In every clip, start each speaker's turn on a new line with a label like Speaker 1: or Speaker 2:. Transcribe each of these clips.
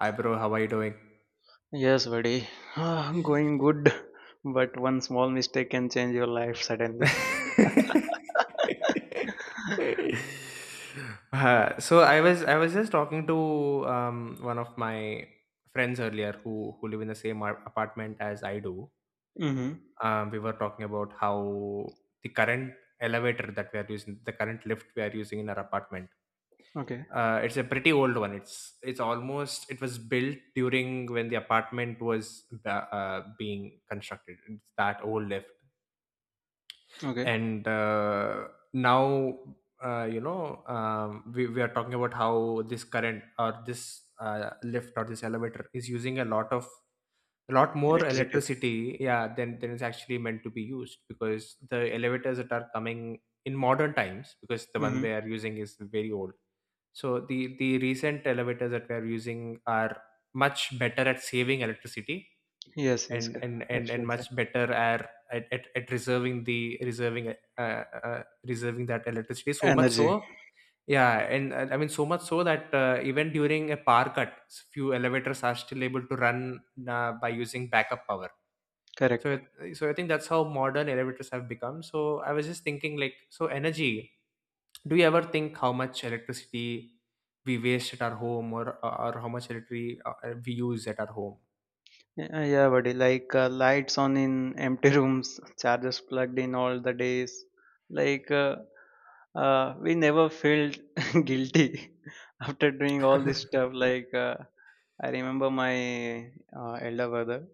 Speaker 1: Hi, bro. How are you doing?
Speaker 2: Yes, buddy. Going good, but one small mistake can change your life suddenly.
Speaker 1: So I was just talking to one of my friends earlier who live in the same apartment as I do.
Speaker 2: Mm-hmm.
Speaker 1: We were talking about how the current elevator that we are using, the current lift we are using in our apartment.
Speaker 2: Okay.
Speaker 1: It's a pretty old one. It's almost it was built during when the apartment was being constructed. It's that old lift.
Speaker 2: Okay.
Speaker 1: And now we are talking about how this current or this lift or this elevator is using a lot more
Speaker 2: Electricity.
Speaker 1: electricity, yeah, than is actually meant to be used, because the elevators that are coming in modern times, because the one we
Speaker 2: Mm-hmm.
Speaker 1: are using is very old. So the recent elevators that we are using are much better at saving electricity,
Speaker 2: Yes, yes,
Speaker 1: and and and, and
Speaker 2: absolutely.
Speaker 1: much better are at reserving the reserving reserving that electricity so much
Speaker 2: Energy.
Speaker 1: so, yeah. And so much so that even during a power cut, few elevators are still able to run by using backup power.
Speaker 2: Correct.
Speaker 1: So I think that's how modern elevators have become. So I was just thinking, like, so energy, do you ever think how much electricity we waste at our home, or how much electricity we use at our home?
Speaker 2: Yeah, yeah, buddy. Like lights on in empty rooms, chargers plugged in all the days. Like we never felt guilty after doing all this stuff. Like I remember my elder brother.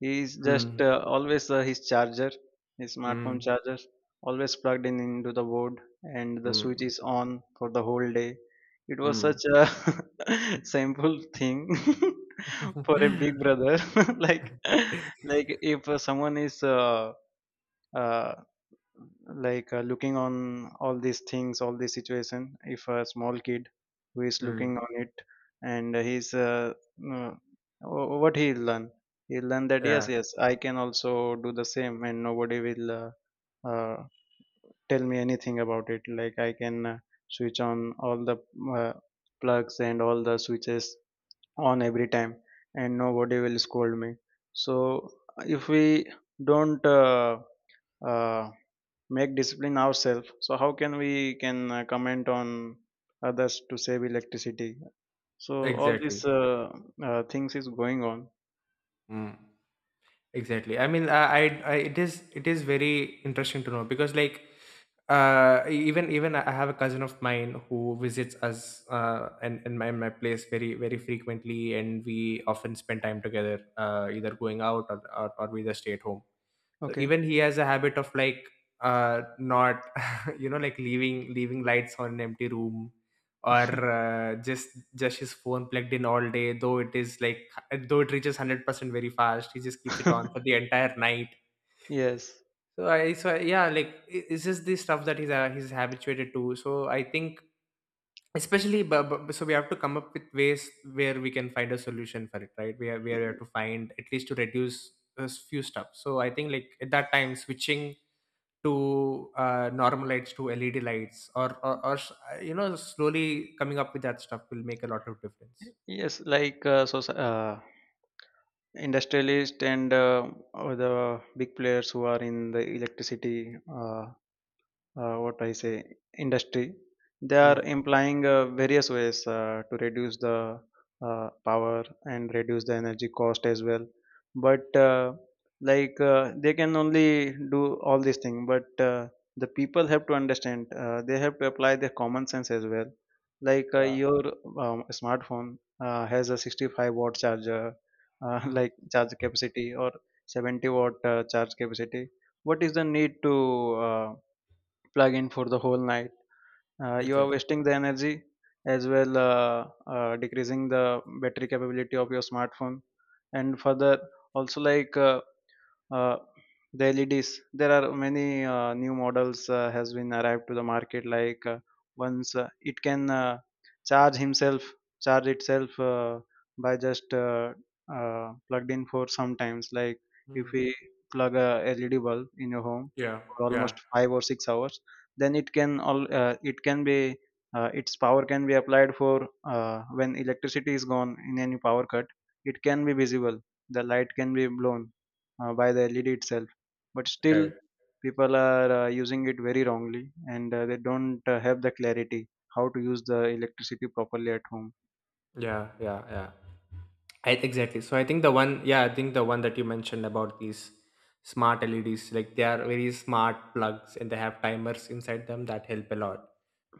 Speaker 2: He is just
Speaker 1: mm.
Speaker 2: always his charger, his smartphone
Speaker 1: Mm.
Speaker 2: charger, always plugged in into the board, and the switch
Speaker 1: Mm,
Speaker 2: is on for the whole day. It was
Speaker 1: mm.
Speaker 2: such a simple thing for a big brother. like, like, if someone is uh, like looking on all these things, all this situation, if a small kid who is looking
Speaker 1: Mm,
Speaker 2: on it, and he's uh, what he'll learn, he'll learn that yes,
Speaker 1: yeah,
Speaker 2: yes, I can also do the same, and nobody will uh, tell me anything about it, like I can switch on all the uh, plugs and all the switches on every time, and nobody will scold me. So if we don't uh, make discipline ourselves, so how can we can comment on others to save electricity? So all these
Speaker 1: exactly.
Speaker 2: things is going on.
Speaker 1: Mm, exactly. I mean, it is very interesting to know because, like, even I have a cousin of mine who visits us, and in my place very frequently, and we often spend time together, either going out, or we just stay at home. So
Speaker 2: Okay.
Speaker 1: even he has a habit of, like, not, you know, like, leaving lights on an empty room, or just his phone plugged in all day, though it is like, though it reaches 100% very fast, he just keeps it on for the entire night.
Speaker 2: Yes,
Speaker 1: So I so yeah, like, it's just the stuff that he's habituated to. So I think especially, so we have to come up with ways where we can find a solution for it, right? Where we have to find at least to reduce a few stuff. So I think, like, at that time switching to normal lights to LED lights, you know, slowly coming up with that stuff will make a lot of difference.
Speaker 2: yes, like so, industrialists and or the big players who are in the electricity, what I say, industry. They are
Speaker 1: Mm.
Speaker 2: implying various ways to reduce the power and reduce the energy cost as well. But like they can only do all these things, but the people have to understand. They have to apply their common sense as well. Like
Speaker 1: Yeah.
Speaker 2: your smartphone has a 65-watt charger,
Speaker 1: Mm.
Speaker 2: like charge capacity, or 70 watt charge capacity. What is the need to plug in for the whole night? You are
Speaker 1: Exactly.
Speaker 2: wasting the energy as well, decreasing the battery capability of your smartphone. And further, also like uh, the LEDs. There are many new models has been arrived to the market. Like once it can charge himself, charge itself by just plugged in for sometimes. Like if
Speaker 1: Mm.
Speaker 2: we plug a LED bulb in your home
Speaker 1: Yeah.
Speaker 2: for
Speaker 1: Yeah.
Speaker 2: almost 5 or 6 hours, then it can all it can be its power can be applied for when electricity is gone in any power cut. It can be visible. The light can be blown by the LED itself. But
Speaker 1: Right.
Speaker 2: still, people are using it very wrongly, and they don't have the clarity how to use the electricity properly at home.
Speaker 1: Yeah, yeah, yeah. I Exactly. So I think the one, yeah, I think the one that you mentioned about these smart LEDs, like, they are very smart plugs and they have timers inside them that help a lot.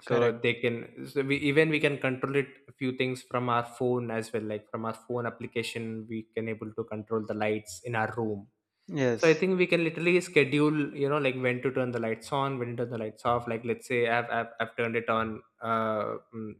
Speaker 1: So
Speaker 2: Correct.
Speaker 1: they can, so we can control it a few things from our phone as well, like from our phone application, we can able to control the lights in our room. So I
Speaker 2: Yes.
Speaker 1: think we can literally schedule, you know, like, when to turn the lights on, when to turn the lights off. Like, let's say I've turned it on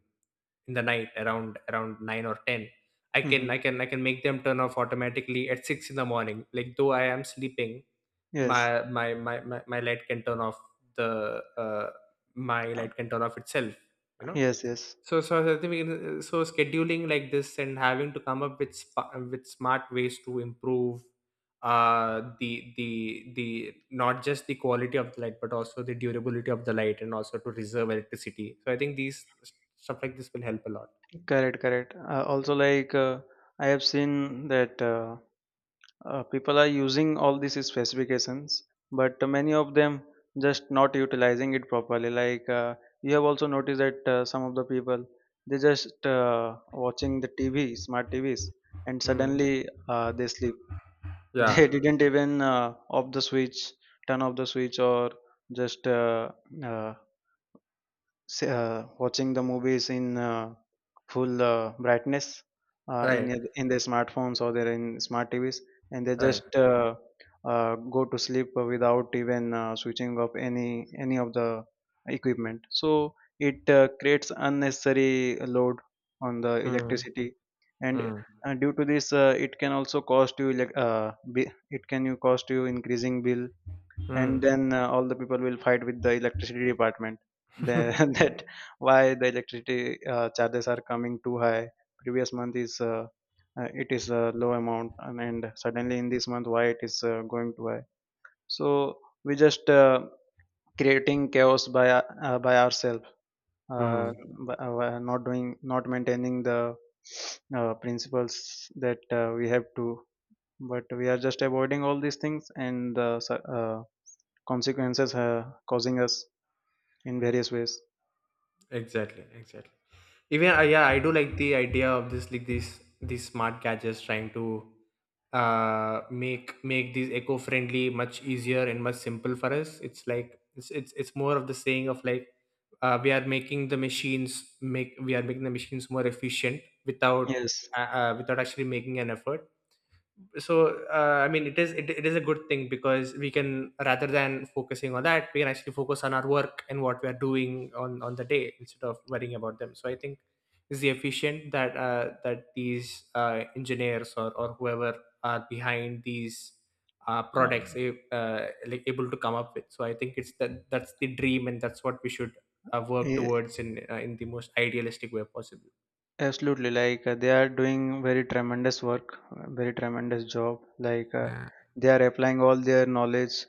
Speaker 1: in the night around nine or ten.
Speaker 2: Mm-hmm.
Speaker 1: I can make them turn off automatically at six in the morning. Like, though I am sleeping,
Speaker 2: Yes.
Speaker 1: my light can turn off the my
Speaker 2: Uh,
Speaker 1: light can turn off itself. You know?
Speaker 2: Yes. Yes.
Speaker 1: So, so I think so scheduling like this and having to come up with with smart ways to improve the, the not just the quality of the light but also the durability of the light and also to reserve electricity, so I think these stuff like this will help a lot.
Speaker 2: Correct. Correct. Also, like I have seen that. People are using all these specifications, but many of them just not utilizing it properly. Like you have also noticed that some of the people, they just watching the TV, smart TVs, and
Speaker 1: Mm.
Speaker 2: suddenly they sleep.
Speaker 1: Yeah.
Speaker 2: They didn't even off the switch, turn off the switch, or just uh, watching the movies in full brightness in
Speaker 1: Right.
Speaker 2: their smartphones, or their in smart TVs, and they
Speaker 1: Right.
Speaker 2: just go to sleep without even switching off any of the equipment. So it creates unnecessary load on the
Speaker 1: Mm.
Speaker 2: electricity, and
Speaker 1: Mm.
Speaker 2: due to this, it can also cost you it can you cost you increasing bill, and
Speaker 1: Mm.
Speaker 2: then all the people will fight with the electricity department. Then that why the electricity charges are coming too high, previous month is it is a low amount, and suddenly in this month why it is going too high. So we just creating chaos by ourselves, uh,
Speaker 1: mm.
Speaker 2: by not doing, not maintaining the principles that we have to, but we are just avoiding all these things, and the consequences are causing us in various ways.
Speaker 1: Exactly, exactly. Even, yeah, I do like the idea of this, like, these smart gadgets trying to make these eco-friendly much easier and much simple for us. It's like, it's more of the saying of, like, we are making the machines more efficient without
Speaker 2: Yes.
Speaker 1: without actually making an effort. So it is, it is a good thing, because we can, rather than focusing on that, we can actually focus on our work and what we are doing on the day, instead of worrying about them. So I think it's the efficient that that these engineers, or whoever are behind these products
Speaker 2: Um,
Speaker 1: like able to come up with. So I think it's that, that's the dream and that's what we should work
Speaker 2: eh,
Speaker 1: towards in the most idealistic way possible.
Speaker 2: Absolutely. Like they are doing very tremendous work, very tremendous job. Like
Speaker 1: Uh,
Speaker 2: they are applying all their knowledge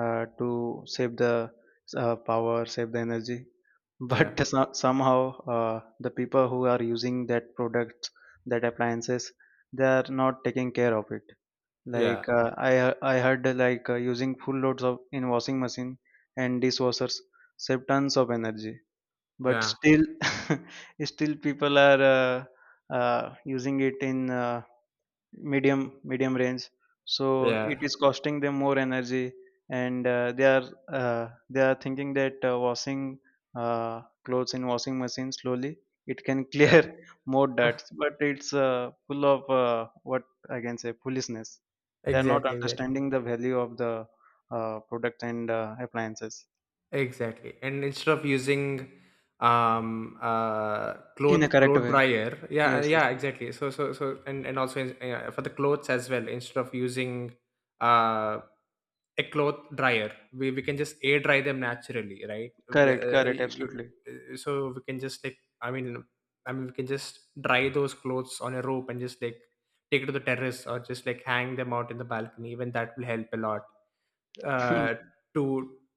Speaker 2: to save the power, save the energy. But
Speaker 1: yeah,
Speaker 2: somehow the people who are using that product, that appliances, they are not taking care of it.
Speaker 1: yeah,
Speaker 2: Like I heard like using full loads of in washing machine and dishwashers save tons of energy, but
Speaker 1: yeah,
Speaker 2: still still people are using it in medium range, so
Speaker 1: yeah,
Speaker 2: it is costing them more energy, and they are thinking that washing clothes in washing machine slowly it can clear
Speaker 1: yeah.
Speaker 2: more dirt, but it's full of, what I can say, foolishness. They are not
Speaker 1: Exactly, exactly,
Speaker 2: understanding the value of the product and appliances
Speaker 1: exactly. And instead of using
Speaker 2: in a correct
Speaker 1: cloth
Speaker 2: way.
Speaker 1: dryer, yeah,
Speaker 2: Yes, yes.
Speaker 1: yeah, exactly. And also, yeah, for the clothes as well. Instead of using uh a cloth dryer, we can just air dry them naturally, right?
Speaker 2: Correct, correct, absolutely.
Speaker 1: So we can just, like, I mean, I mean, we can just dry those clothes on a rope and just, like, take it to the terrace or just, like, hang them out in the balcony. Even that will help a lot uh, to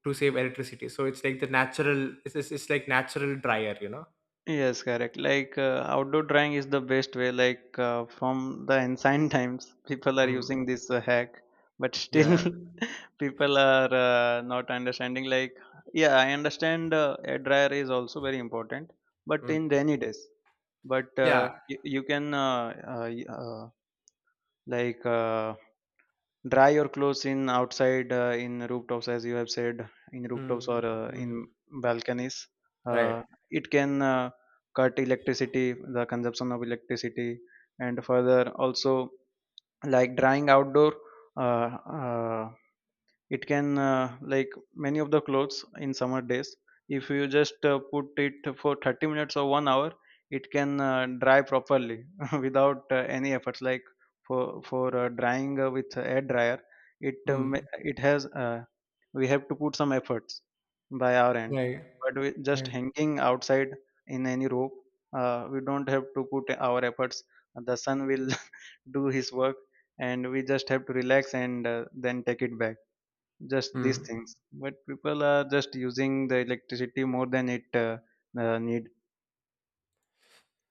Speaker 1: save electricity. So it's like the natural. It's like natural dryer, you know.
Speaker 2: Yes, correct. Like outdoor drying is the best way. Like from the ancient times, people are
Speaker 1: Mm.
Speaker 2: using this hack, but still,
Speaker 1: Yeah.
Speaker 2: people are not understanding. Like, yeah, I understand air dryer is also very important, but in
Speaker 1: Mm.
Speaker 2: rainy days. But
Speaker 1: Yeah.
Speaker 2: you can like dry your clothes in outside, in rooftops, as you have said, in rooftops or
Speaker 1: Mm.
Speaker 2: in
Speaker 1: Mm.
Speaker 2: balconies.
Speaker 1: Right.
Speaker 2: uh, it can cut electricity, the consumption of electricity, and further also like drying outdoor, uh, uh, it can, like many of the clothes in summer days, if you just put it for 30 minutes or 1 hour, it can dry properly without any efforts. Like for drying with air dryer, it
Speaker 1: Mm.
Speaker 2: it has, we have to put some efforts by our end,
Speaker 1: Right.
Speaker 2: but we just
Speaker 1: Right.
Speaker 2: hanging outside in any rope, we don't have to put our efforts, the sun will do his work, and we just have to relax and then take it back. Just these
Speaker 1: Mm.
Speaker 2: things, but people are just using the electricity more than it need.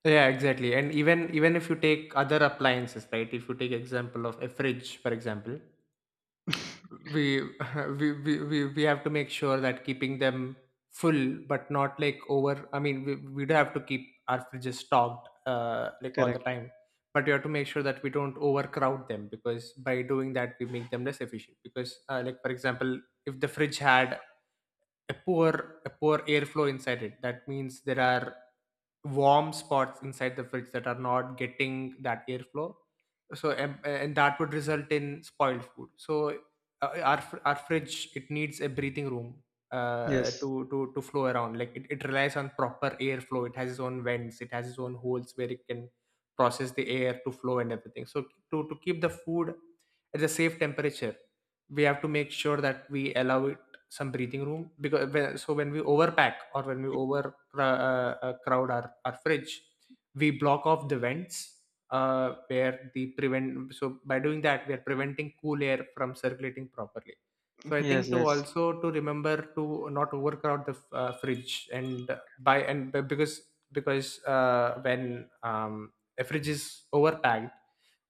Speaker 1: Yeah, exactly. And even, even if you take other appliances, right? If you take example of a fridge, for example, we we have to make sure that keeping them full but not, like, over. I mean, we do have to keep our fridges stocked like all the
Speaker 2: Correct,
Speaker 1: time, but we have to make sure that we don't overcrowd them, because by doing that, we make them less efficient, because, like, for example, if the fridge had a poor, airflow inside it, that means there are warm spots inside the fridge that are not getting that airflow. So, and that would result in spoiled food. So our fridge, it needs a breathing room,
Speaker 2: yes,
Speaker 1: to flow around, like, it relies on proper airflow. It has its own vents, it has its own holes where it can process the air to flow and everything. So to keep the food at a safe temperature, we have to make sure that we allow it some breathing room. Because when, so when we overpack or when we over crowd our fridge, we block off the vents, where the prevent so by doing that we are preventing cool air from circulating properly. So I
Speaker 2: yes,
Speaker 1: think to
Speaker 2: yes,
Speaker 1: also to remember to not overcrowd the fridge, and by because, when, a fridge is overpacked,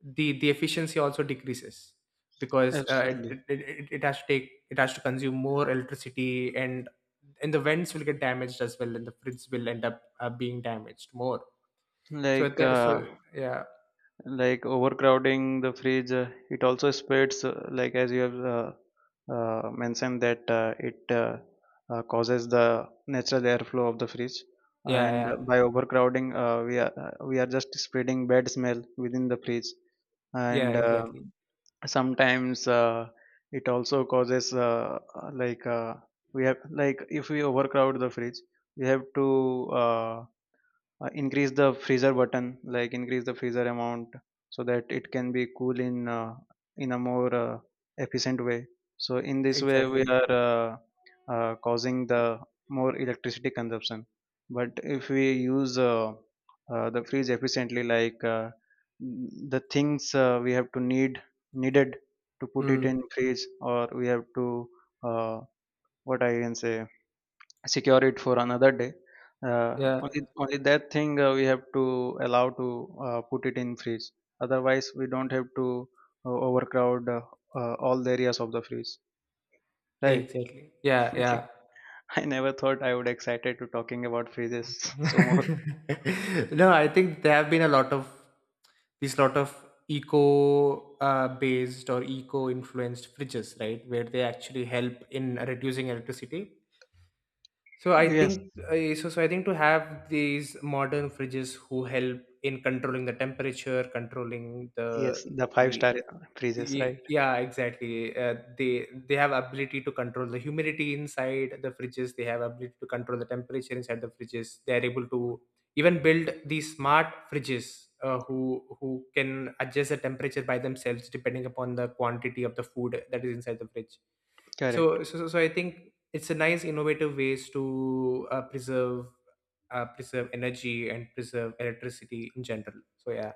Speaker 1: the efficiency also decreases, because
Speaker 2: absolutely.
Speaker 1: it has to take, it has to consume more electricity, and the vents will get damaged as well, and the fridge will end up being damaged more. So at
Speaker 2: like
Speaker 1: the, so
Speaker 2: uh,
Speaker 1: yeah,
Speaker 2: like overcrowding the fridge, it also spreads, like as you have mentioned, that it causes the natural airflow of the fridge,
Speaker 1: yeah,
Speaker 2: and
Speaker 1: yeah,
Speaker 2: by overcrowding we are just spreading bad smell within the fridge.
Speaker 1: yeah,
Speaker 2: And
Speaker 1: exactly,
Speaker 2: sometimes it also causes, like, we have, like if we overcrowd the fridge, we have to increase the freezer button, like increase the freezer amount, so that it can be cool in a more efficient way. So in this way we
Speaker 1: exactly.
Speaker 2: are causing the more electricity consumption. But if we use the freeze efficiently, like the things we have to need, needed, to put it
Speaker 1: Mm,
Speaker 2: in freeze, or we have to, uh, what I can say, secure it for another day. Uh, only
Speaker 1: yeah,
Speaker 2: only that thing we have to allow to put it in freeze. Otherwise, we don't have to overcrowd all the areas of the freeze. Right?
Speaker 1: exactly, yeah,
Speaker 2: Like
Speaker 1: yeah.
Speaker 2: I never thought I would excited to talking about freezes so much.
Speaker 1: no, I think there have been a lot of these lot of eco based or eco influenced fridges, right, where they actually help in reducing electricity. So I
Speaker 2: Yes,
Speaker 1: think so. So I think to have these modern fridges who help in controlling the temperature, controlling the
Speaker 2: yes, the
Speaker 1: the
Speaker 2: five-star freezes. Right?
Speaker 1: yeah, exactly. They have ability to control the humidity inside the fridges. They have ability to control the temperature inside the fridges. They are able to even build these smart fridges uh, who who can adjust the temperature by themselves depending upon the quantity of the food that is inside the fridge.
Speaker 2: Correct.
Speaker 1: So I think it's a nice innovative ways to preserve energy and preserve electricity in general. So yeah.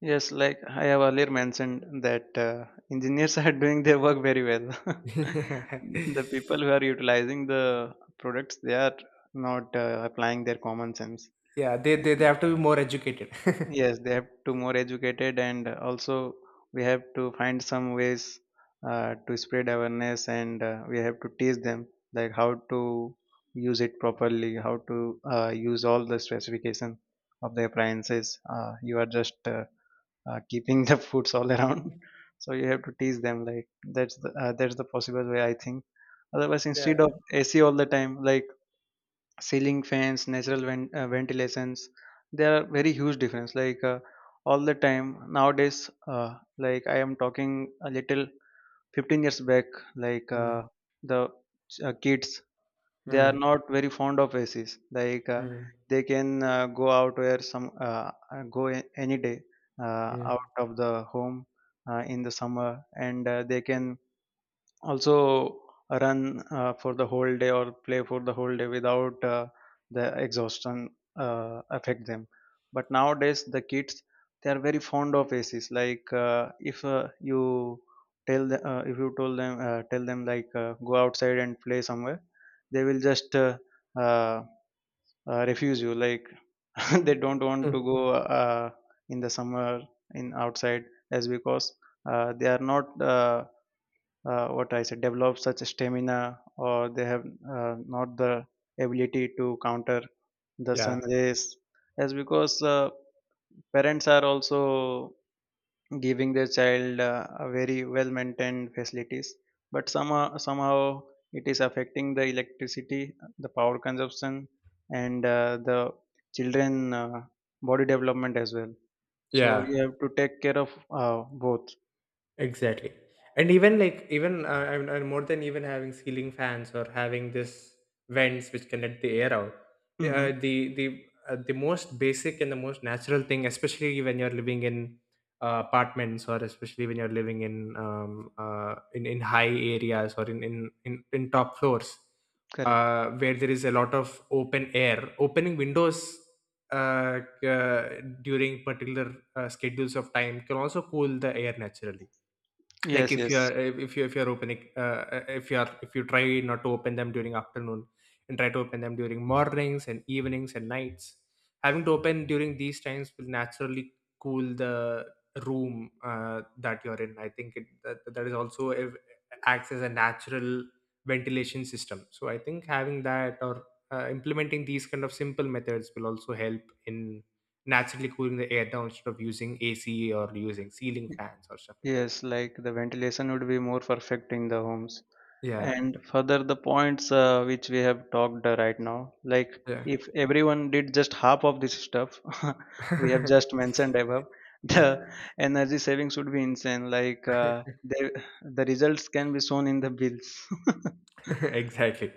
Speaker 2: Yes, like I have earlier mentioned that engineers are doing their work very well. The people who are utilizing the products, they are not applying their common sense.
Speaker 1: yeah, they, have to be more educated.
Speaker 2: Yes, they have to more educated, and also we have to find some ways to spread awareness, and we have to teach them like how to use it properly, how to use all the specification of the appliances. You are just keeping the foods all around. So you have to tease them. Like that's the, possible way I think. Otherwise,
Speaker 1: yeah.
Speaker 2: instead of AC all the time, like ceiling fans, natural ventilations, there are very huge difference. All the time nowadays, like I am talking a little 15 years back, like
Speaker 1: Mm,
Speaker 2: the kids, they are
Speaker 1: mm,
Speaker 2: not very fond of acs. like uh,
Speaker 1: mm,
Speaker 2: they can go out where some any day
Speaker 1: mm.
Speaker 2: out of the home, in the summer, and they can also run for the whole day or play for the whole day without the exhaustion affect them. But nowadays the kids, they are very fond of acs. If you if you told them, tell them like, go outside and play somewhere, they will just uh, refuse you, like they don't want to
Speaker 1: Mm.
Speaker 2: go in the summer, in outside, as because they are not what I said, develop such stamina, or they have not the ability to counter the
Speaker 1: Yeah.
Speaker 2: sun rays, as because parents are also giving their child a very well maintained facilities. But somehow it is affecting the electricity, the power consumption, and the children body development as well. So
Speaker 1: Yeah.
Speaker 2: you have to take care of both.
Speaker 1: Exactly. And even, like, even, and more than even having ceiling fans or having this vents which can let the air out.
Speaker 2: Hmm.
Speaker 1: The most basic and the most natural thing, especially when you're living in apartments, or especially when you're living in in high areas, or in top floors,
Speaker 2: Correct.
Speaker 1: where there is a lot of open air, opening windows, Uh, during particular schedules of time, can also cool the air naturally. Like,
Speaker 2: Yes,
Speaker 1: if you're,
Speaker 2: yes.
Speaker 1: if you're opening, if you're, if you try not to open them during afternoon, and try to open them during mornings and evenings and nights, having to open during these times will naturally cool the room that you're in. That, that is also a, acts as a natural ventilation system. So I think having that, or implementing these kind of simple methods will also help in naturally cooling the air down, instead of using AC or using ceiling fans or stuff like that.
Speaker 2: Yes, like the ventilation would be more perfect in the homes.
Speaker 1: Yeah.
Speaker 2: And further, the points which we have talked right now, like if everyone did just half of this stuff we have
Speaker 1: Yeah.
Speaker 2: just mentioned above, the energy savings would be insane. The results can be shown in the bills.
Speaker 1: exactly.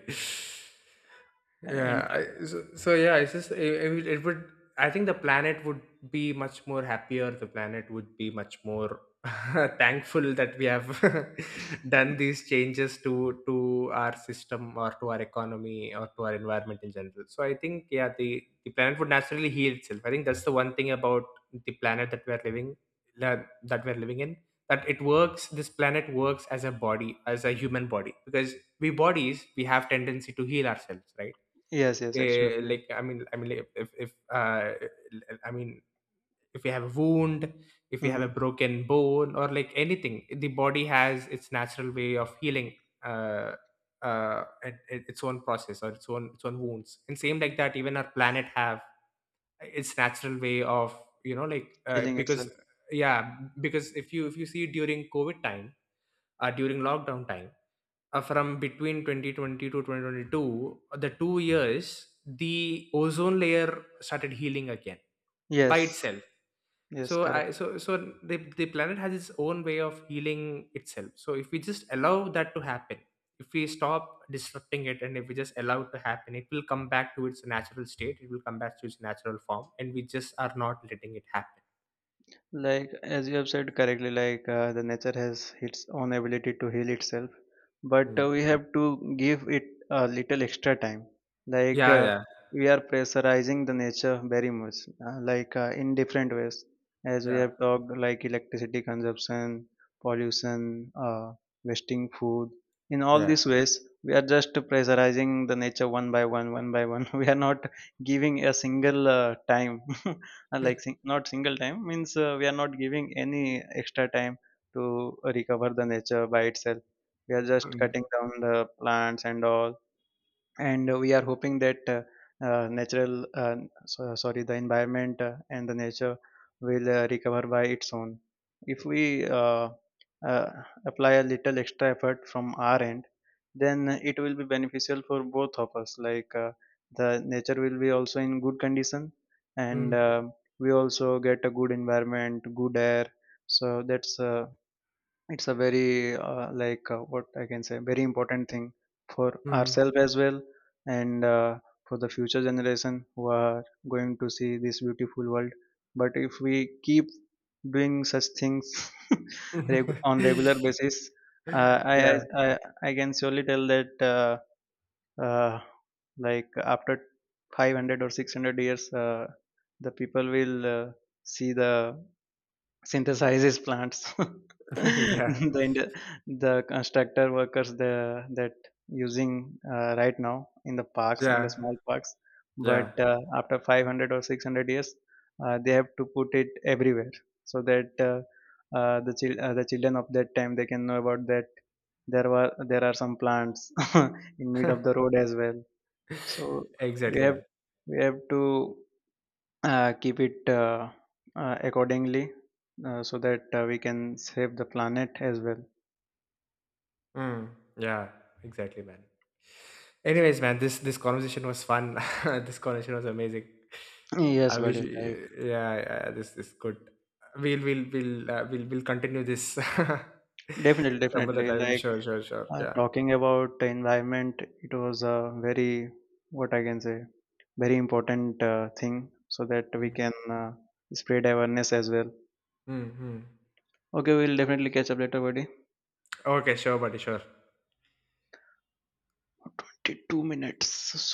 Speaker 2: And
Speaker 1: Yeah. I, so, so yeah, it's just it would. I think the planet would be much more happier. The planet would be much more thankful that we have done these changes to our system or to our economy or to our environment in general. So I think, yeah, the planet would naturally heal itself. I think that's the one thing about the planet that we are living, that that we're living in, that it works. This planet works as a body, as a human body, because we have tendency to heal ourselves, right?
Speaker 2: yes, yes,
Speaker 1: Eh,
Speaker 2: absolutely.
Speaker 1: like, like, if I mean if we have a wound, if we have a
Speaker 2: Hmm.
Speaker 1: broken bone or, like, anything, the body has its natural way of healing uh, it, it's own process, or its own, wounds. And same like that, even our planet have its natural way of, you know, like,
Speaker 2: Healing
Speaker 1: because
Speaker 2: itself.
Speaker 1: yeah, because if you see during COVID time, during lockdown time, from between 2020 to 2022, the two years, the ozone layer started healing again by
Speaker 2: Yes,
Speaker 1: itself.
Speaker 2: yes,
Speaker 1: So
Speaker 2: correct.
Speaker 1: I so So the planet has its own way of healing itself. So if we just allow that to happen, if we stop disrupting it, and if we just allow it to happen, it will come back to its natural state, it will come back to its natural form, and we just are not letting it happen.
Speaker 2: Like as you have said correctly, the nature has its own ability to heal itself, but
Speaker 1: Mm.
Speaker 2: we have to give it a little extra time. Like
Speaker 1: Yeah,
Speaker 2: uh,
Speaker 1: yeah,
Speaker 2: we are pressurizing the nature very much, in different ways, as we
Speaker 1: yeah,
Speaker 2: have talked, like electricity consumption, pollution, wasting food. In all
Speaker 1: yeah.
Speaker 2: these ways, we are just pressurizing the nature one by one, one by one. We are not giving a single time. Not single time means we are not giving any extra time to recover the nature by itself. We are just cutting
Speaker 1: Mm,
Speaker 2: down the plants and all, and we are hoping that natural sorry, the environment and the nature will recover by its own. If we uh, apply a little extra effort from our end, then it will be beneficial for both of us. The nature will be also in good condition, and
Speaker 1: mm,
Speaker 2: we also get a good environment, good air. So that's it's a very what I can say, very important thing for
Speaker 1: mm.
Speaker 2: ourselves as well, and for the future generation who are going to see this beautiful world. But if we keep doing such things, on regular basis, uh, I, I
Speaker 1: yeah
Speaker 2: i I can surely tell that uh, like after 500 or 600 years, the people will see the synthesizes plants.
Speaker 1: Yeah.
Speaker 2: The constructor workers, the that using right now in the parks, in the
Speaker 1: Yeah,
Speaker 2: small parks, but
Speaker 1: yeah,
Speaker 2: after 500 or 600 years, they have to put it everywhere, so that the children of that time, they can know about that, there are some plants in mid of the road as well. So we
Speaker 1: Exactly,
Speaker 2: have
Speaker 1: man.
Speaker 2: we have to keep it accordingly, so that we can save the planet as well.
Speaker 1: Mm, yeah, exactly, man. Anyways, man, this conversation was fun. This conversation was amazing.
Speaker 2: Yes,
Speaker 1: I wish,
Speaker 2: buddy. Like,
Speaker 1: we- yeah, yeah, this is good. We'll we'll continue this
Speaker 2: definitely
Speaker 1: some other
Speaker 2: definitely
Speaker 1: time.
Speaker 2: like
Speaker 1: Sure, sure, sure. Yeah.
Speaker 2: talking about the environment, it was a very, what I can say, very important thing, so that we
Speaker 1: Mm.
Speaker 2: can uh, spread awareness as well.
Speaker 1: Hmm, hmm.
Speaker 2: Okay, we'll definitely catch up later, buddy.
Speaker 1: Okay, sure, buddy, sure.
Speaker 2: 2 minutes.